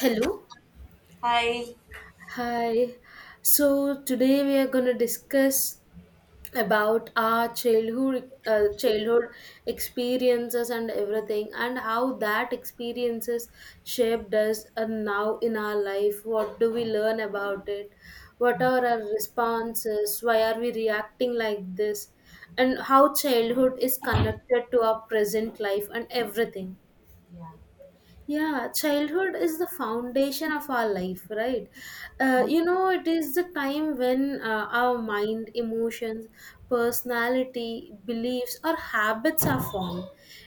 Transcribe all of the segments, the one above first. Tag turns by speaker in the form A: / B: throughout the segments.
A: Hello.
B: Hi.
A: Hi. So today we are going to discuss about our childhood childhood experiences and everything, and how that experiences shaped us and now in our life what do we learn about it, what are our responses, why are we reacting like this, and how childhood is connected to our present life and everything. Yeah, childhood is the foundation of our life, right? It is the time when our mind, emotions, personality, beliefs, or habits are formed.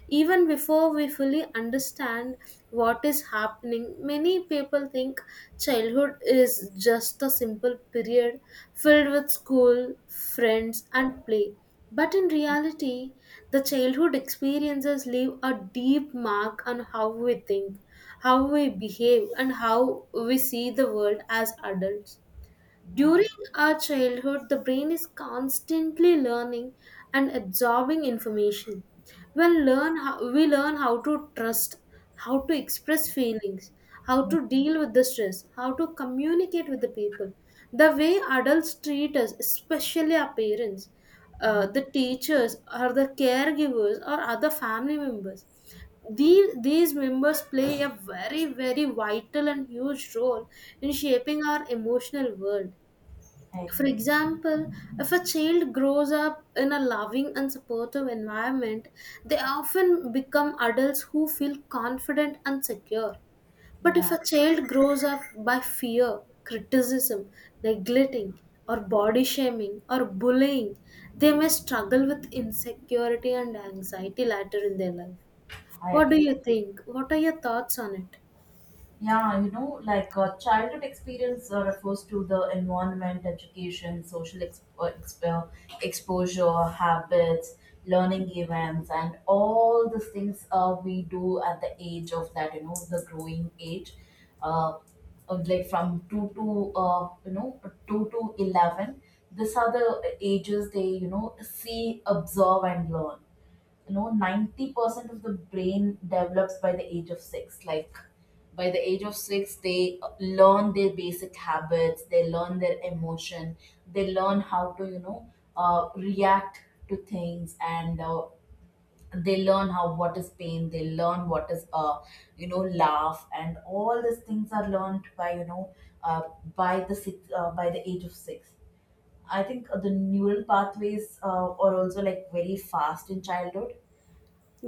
A: Even before we fully understand what is happening, many people think childhood is just a simple period filled with school, friends, and play. But in reality, the childhood experiences leave a deep mark on how we think, how we behave, and how we see the world as adults. During our childhood, the brain is constantly learning and absorbing information. We learn how to trust, how to express feelings, how to deal with the stress, how to communicate with the people. The way adults treat us, especially our parents,
B: Yeah,
A: the teachers, or the caregivers, or other family members, these members play a very vital and huge role in shaping our emotional world.
B: I
A: For
B: agree.
A: example, if a child grows up in a loving and supportive environment, they often become adults who feel confident and secure. But if
B: Yeah,
A: a child grows up by fear, criticism, neglecting, or body shaming or bullying, they may struggle with insecurity and anxiety later in their life.
B: I
A: What do
B: agree.
A: you think? What are your thoughts on it?
B: Childhood experience refers to the environment, education, social exposure, habits, learning events, and all the things we do at the age of that, the growing age, uh, of like from 2 to 11. These are the ages they see, observe, and learn, 90% of the brain develops by the age of 6, like by the age of 6, they learn their basic habits. They learn their emotion. They learn how to react to things, and they learn how, what is pain. They learn what is laugh and all these things are learned by uh, by the age of 6. I think the neural pathways are also like very fast in childhood.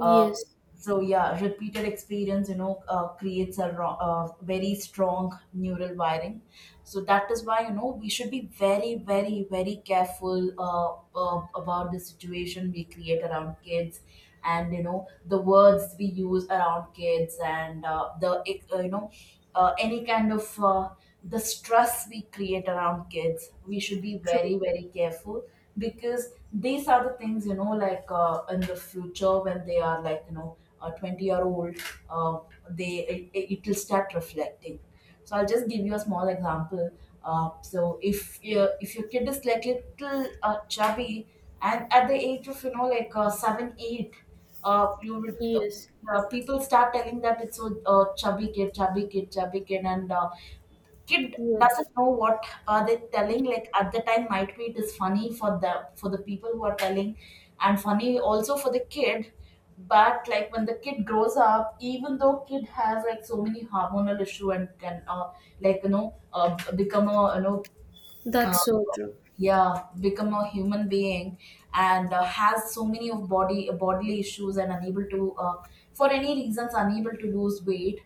B: uh, so yeah, repeated experience, creates a very strong neural wiring. So that is why we should be very, very, very careful, about the situation we create around kids, and the words we use around kids, and the you know any kind of the stress we create around kids. We should be
A: true.
B: very, very careful. Because these are the things, in the future when they are a 20-year-old, uh, they it will start reflecting. So I'll just give you a small example. So if your kid is like little chubby, and at the age of 7, 8, you will
A: Yes,
B: people start telling that it's a chubby kid, chubby kid, chubby kid, and kid doesn't
A: yes.
B: know what are they telling. Like, at the time, might be it is funny for the people who are telling, and funny also for the kid. But like when the kid grows up, even though kid has like so many hormonal issue and can become a you know
A: That's so
B: uh,
A: true.
B: yeah become a human being, and has so many of body bodily issues, and unable to, for any reasons, unable to lose weight,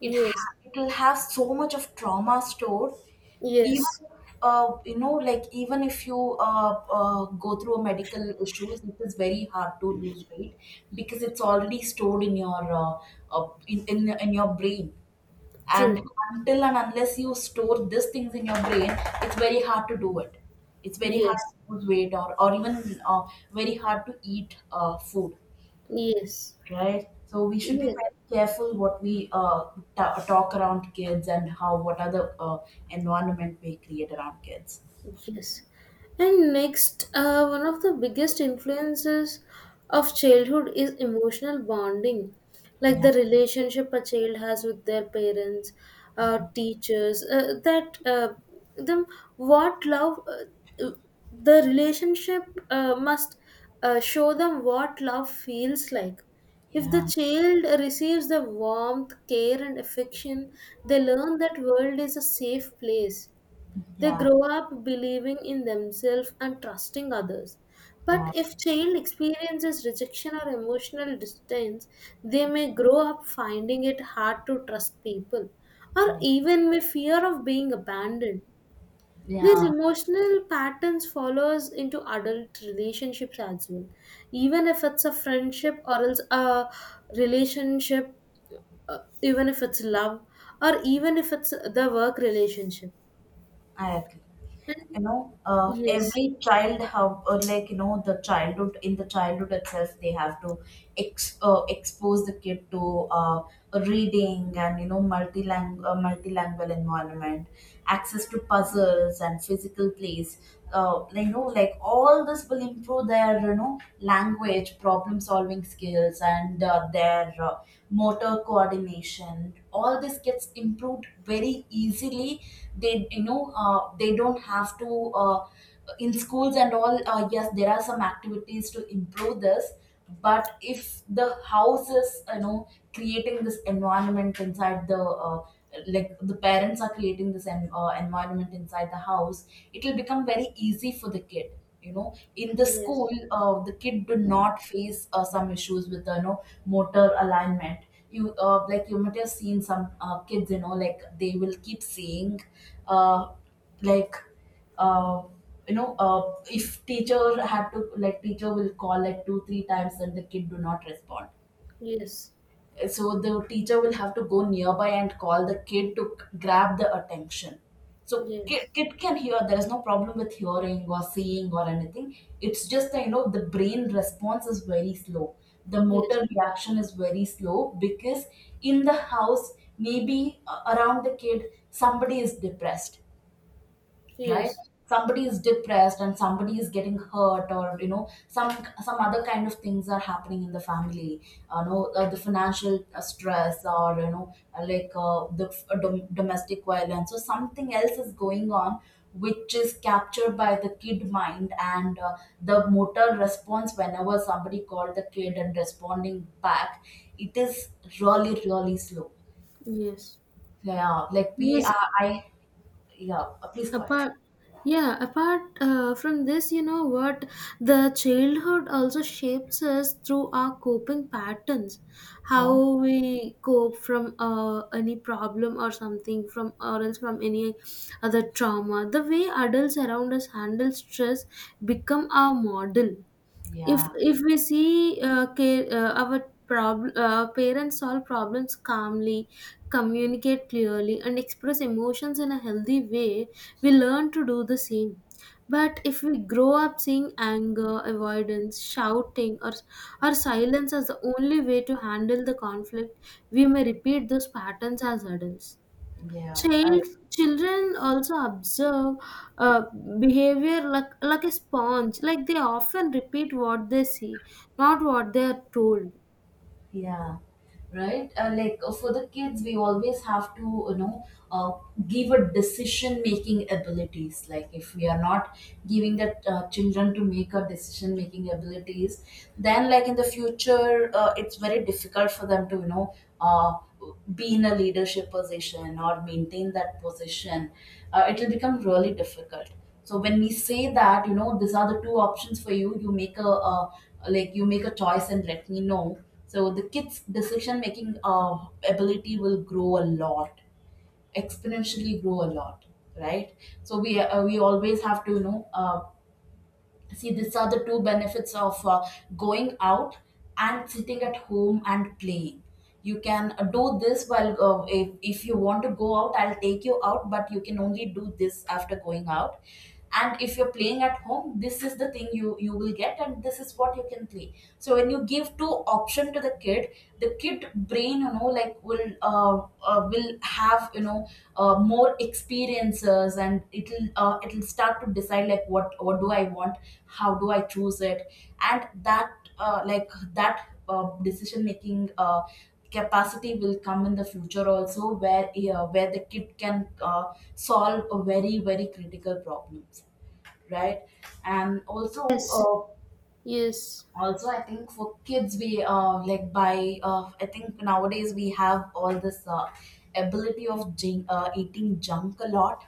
A: Yes.
B: it will have so much of trauma stored.
A: Yes,
B: Even even if you go through a medical issues, it is very hard to lose weight because it's already stored in your in your brain. And
A: true.
B: until and unless you store these things in your brain, it's very hard to do it. It's very hard
A: Yes,
B: to lose weight, or even uh, very hard to eat food
A: yes,
B: right? So we should be
A: yes,
B: very careful what we ta talk around kids, and how, what are the uh, environment we create around kids.
A: yes. And next, one of the biggest influences of childhood is emotional bonding, like
B: Yeah,
A: the relationship a child has with their parents, teachers, that them what love the relationship must show them what love feels like.
B: yeah,
A: If
B: yeah,
A: the child receives the warmth, care, and affection, they learn that world is a safe place, they
B: yeah,
A: grow up believing in themselves and trusting others. But if child experiences rejection or emotional distance, they may grow up finding it hard to trust people or
B: yeah.
A: even may fear of being abandoned. These
B: Yeah,
A: emotional patterns follows into adult relationships as well. Even if it's a friendship or else a relationship, even if it's love or even if it's the work relationship
B: I agree.
A: and yes.
B: Every child have, the childhood, in the childhood itself, they have to ex expose the kid to reading and multilingual environment, access to puzzles, and physical plays. Like, like all this will improve their, language, problem solving skills, and their motor coordination. All this gets improved very easily. They you know uh, they don't have to, in schools and all, yes there are some activities to improve this, but if the house is creating this environment inside the, like the parents are creating this environment inside the house, it will become very easy for the kid. You know in the school
A: Yes,
B: the kid do not face some issues with motor alignment. You like you might have seen some kids they will keep saying uh, like uh, if teacher will call like two three times and the kid do not respond,
A: yes,
B: so the teacher will have to go nearby and call the kid to grab the attention. So kid,
A: yes,
B: kid can hear, there is no problem with hearing or seeing or anything. It's just that the brain response is very slow, the
A: yes,
B: motor reaction is very slow, because in the house, maybe, around the kid, somebody is depressed, right?
A: yes,
B: Somebody is depressed, and somebody is getting hurt, or some other kind of things are happening in the family. The financial stress or you know like the f- dom- domestic violence, or something else is going on, which is captured by the kid mind. And the motor response, whenever somebody called the kid and responding back, it is really, really slow.
A: yes,
B: Yeah, like we
A: yes.
B: are I yeah please go ahead.
A: Apart, yeah, apart from this, you know what? The childhood also shapes us through our coping patterns,
B: Yeah,
A: how we cope from any problem or something, from or else from any other trauma. The way adults around us handle stress become our model. if
B: yeah.
A: if we see our parents solve problems calmly, communicate clearly, and express emotions in a healthy way, we learn to do the same. But if we grow up seeing anger, avoidance, shouting, or silence as the only way to handle the conflict, we may repeat those patterns as adults.
B: Yeah, I.
A: Child, children also observe uh, behavior like a sponge, like they often repeat what they see, not what they are told.
B: Yeah, right. Like for the kids, we always have to, uh, give a decision making abilities. Like, if we are not giving the children to make a decision making abilities, then like, in the future, it's very difficult for them to, uh, be in a leadership position, or maintain that position. It will become really difficult. So when we say that, these are the two options for you. You make a like you make a choice, and let me know, so the kids' decision making ability will grow a lot, exponentially grow a lot, right? So we always have to, see these are the two benefits of going out, and sitting at home and playing. You can do this while, if you want to go out, I'll take you out, but you can only do this after going out. And if you're playing at home, this is the thing you will get, and this is what you can play. So when you give two option to the kid, the kid brain, uh, will have, more experiences, and it'll, it'll start to decide like, what do I want, how do I choose it. And that, decision making capacity will come in the future also, where, the kid can uh, solve a very, very critical problems, right? And also,
A: Yes,
B: uh,
A: yes,
B: I think for kids, we, like by I think nowadays we have all this ability of eating junk a lot.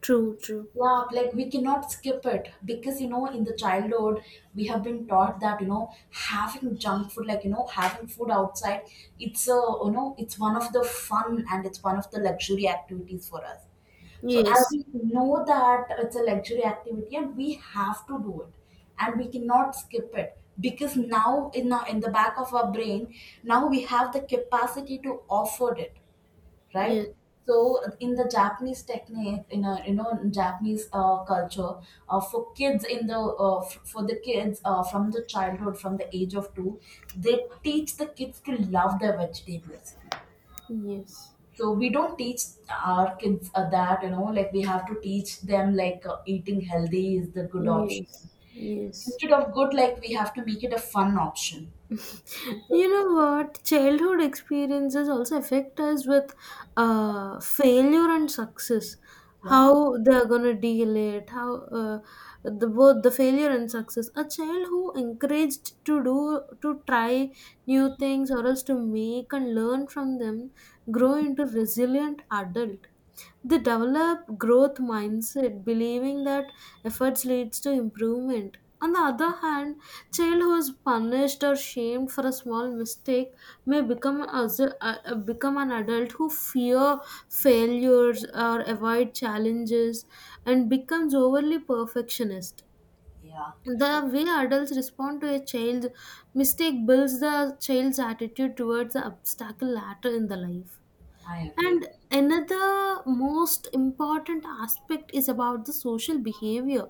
A: true, true.
B: Yeah, like we cannot skip it, because in the childhood, we have been taught that having junk food, like having food outside, it's a you know it's one of the fun, and it's one of the luxury activities for us. So as
A: Yes,
B: we know that it's a luxury activity, and we have to do it, and we cannot skip it, because now, in the back of our brain, now we have the capacity to afford it, right?
A: yes,
B: So in the Japanese technique, in a you know in japanese culture uh, for kids in the for the kids, from the childhood, from the age of 2, they teach the kids to love their vegetables.
A: yes,
B: So we don't teach our kids that we have to teach them like, eating healthy is the good option.
A: yes, yes.
B: Instead of good, like we have to make it a fun option. So,
A: You know what? Childhood experiences also affect us with failure and success.
B: yeah,
A: How they're gonna deal it, how uh, the both the failure and success. A child who encouraged to do to try new things or else to make and learn from them grow into resilient adult. They develop growth mindset, believing that efforts leads to improvement. On the other hand, child who is punished or shamed for a small mistake may become become an adult who fear failures or avoid challenges and becomes overly perfectionist.
B: yeah,
A: The way adults respond to a child's mistake builds the child's attitude towards the obstacle later in the life.
B: I agree.
A: And another most important aspect is about the social behavior,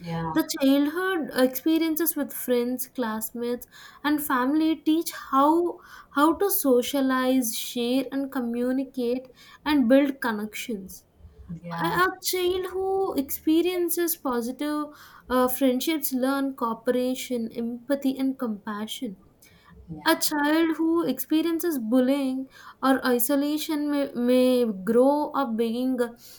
B: Yeah,
A: the childhood experiences with friends, classmates, and family teach how to socialize, share, and communicate, and build connections. A
B: yeah,
A: a child who experiences positive friendships learn cooperation, empathy, and compassion. A
B: yeah,
A: child who experiences bullying or isolation may grow up being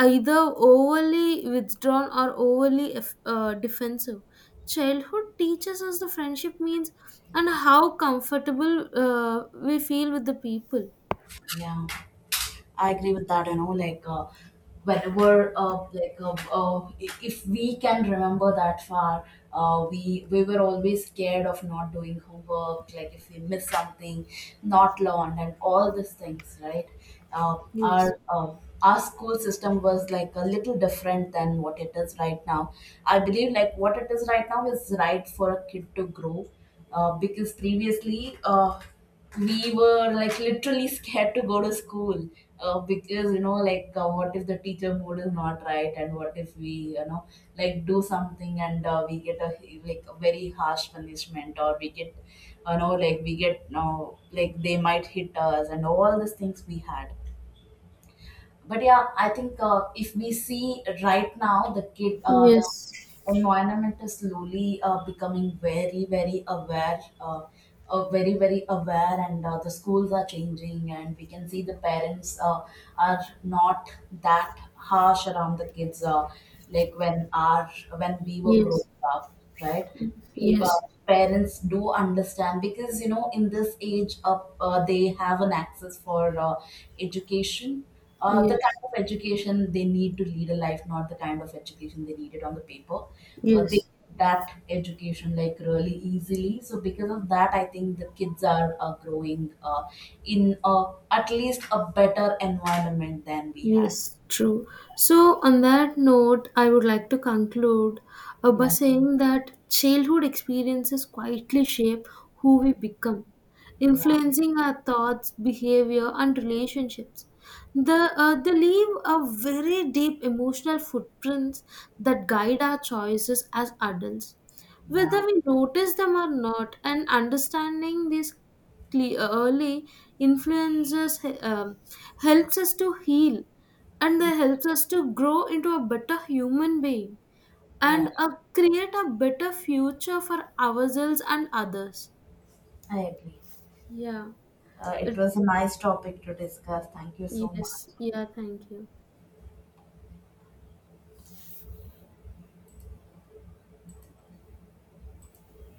A: either overly withdrawn or overly defensive. Childhood teaches us the friendship means and how comfortable we feel with the people.
B: yeah, I agree with that. Whenever, if we can remember that far, we were always scared of not doing homework, like if we miss something, not learn, and all these things, right? Uh,
A: Yes.
B: our uh, our school system was like a little different than what it is right now. I believe like what it is right now is right for a kid to grow, because previously. We were like literally scared to go to school, because what if the teacher mood is not right, and what if we, you know do something, and we get a, like a very harsh punishment, or we get, they might hit us, and all these things we had. But yeah, I think, if we see right now, the kid, the
A: Yes.
B: environment is slowly, becoming very, very aware, very very aware, and the schools are changing, and we can see the parents are not that harsh around the kids, like when our, when we were
A: Yes.
B: growing up, right? We,
A: Yes.
B: parents do understand, because in this age up, they have an access for education the
A: Yes.
B: kind of education they need to lead a life, not the kind of education they needed on the paper. They
A: Yes.
B: get that education like really easily, so because of that, I think the kids are growing in at least a better environment than we had.
A: Yes, true. So, on that note, I would like to conclude by
B: Yeah.
A: saying that childhood experiences quietly shape who we become,
B: Yeah,
A: influencing our thoughts, behavior, and relationships. They leave a very deep emotional footprints that guide our choices as adults, whether
B: yeah
A: we notice them or not, and understanding these early influences helps us to heal and they helps us to grow into a better human being
B: yeah
A: and create a better future for ourselves and others.
B: I agree.
A: Yeah. Uh,
B: It was a nice topic to discuss. Thank you so
A: yes,
B: much.
A: yeah, thank you.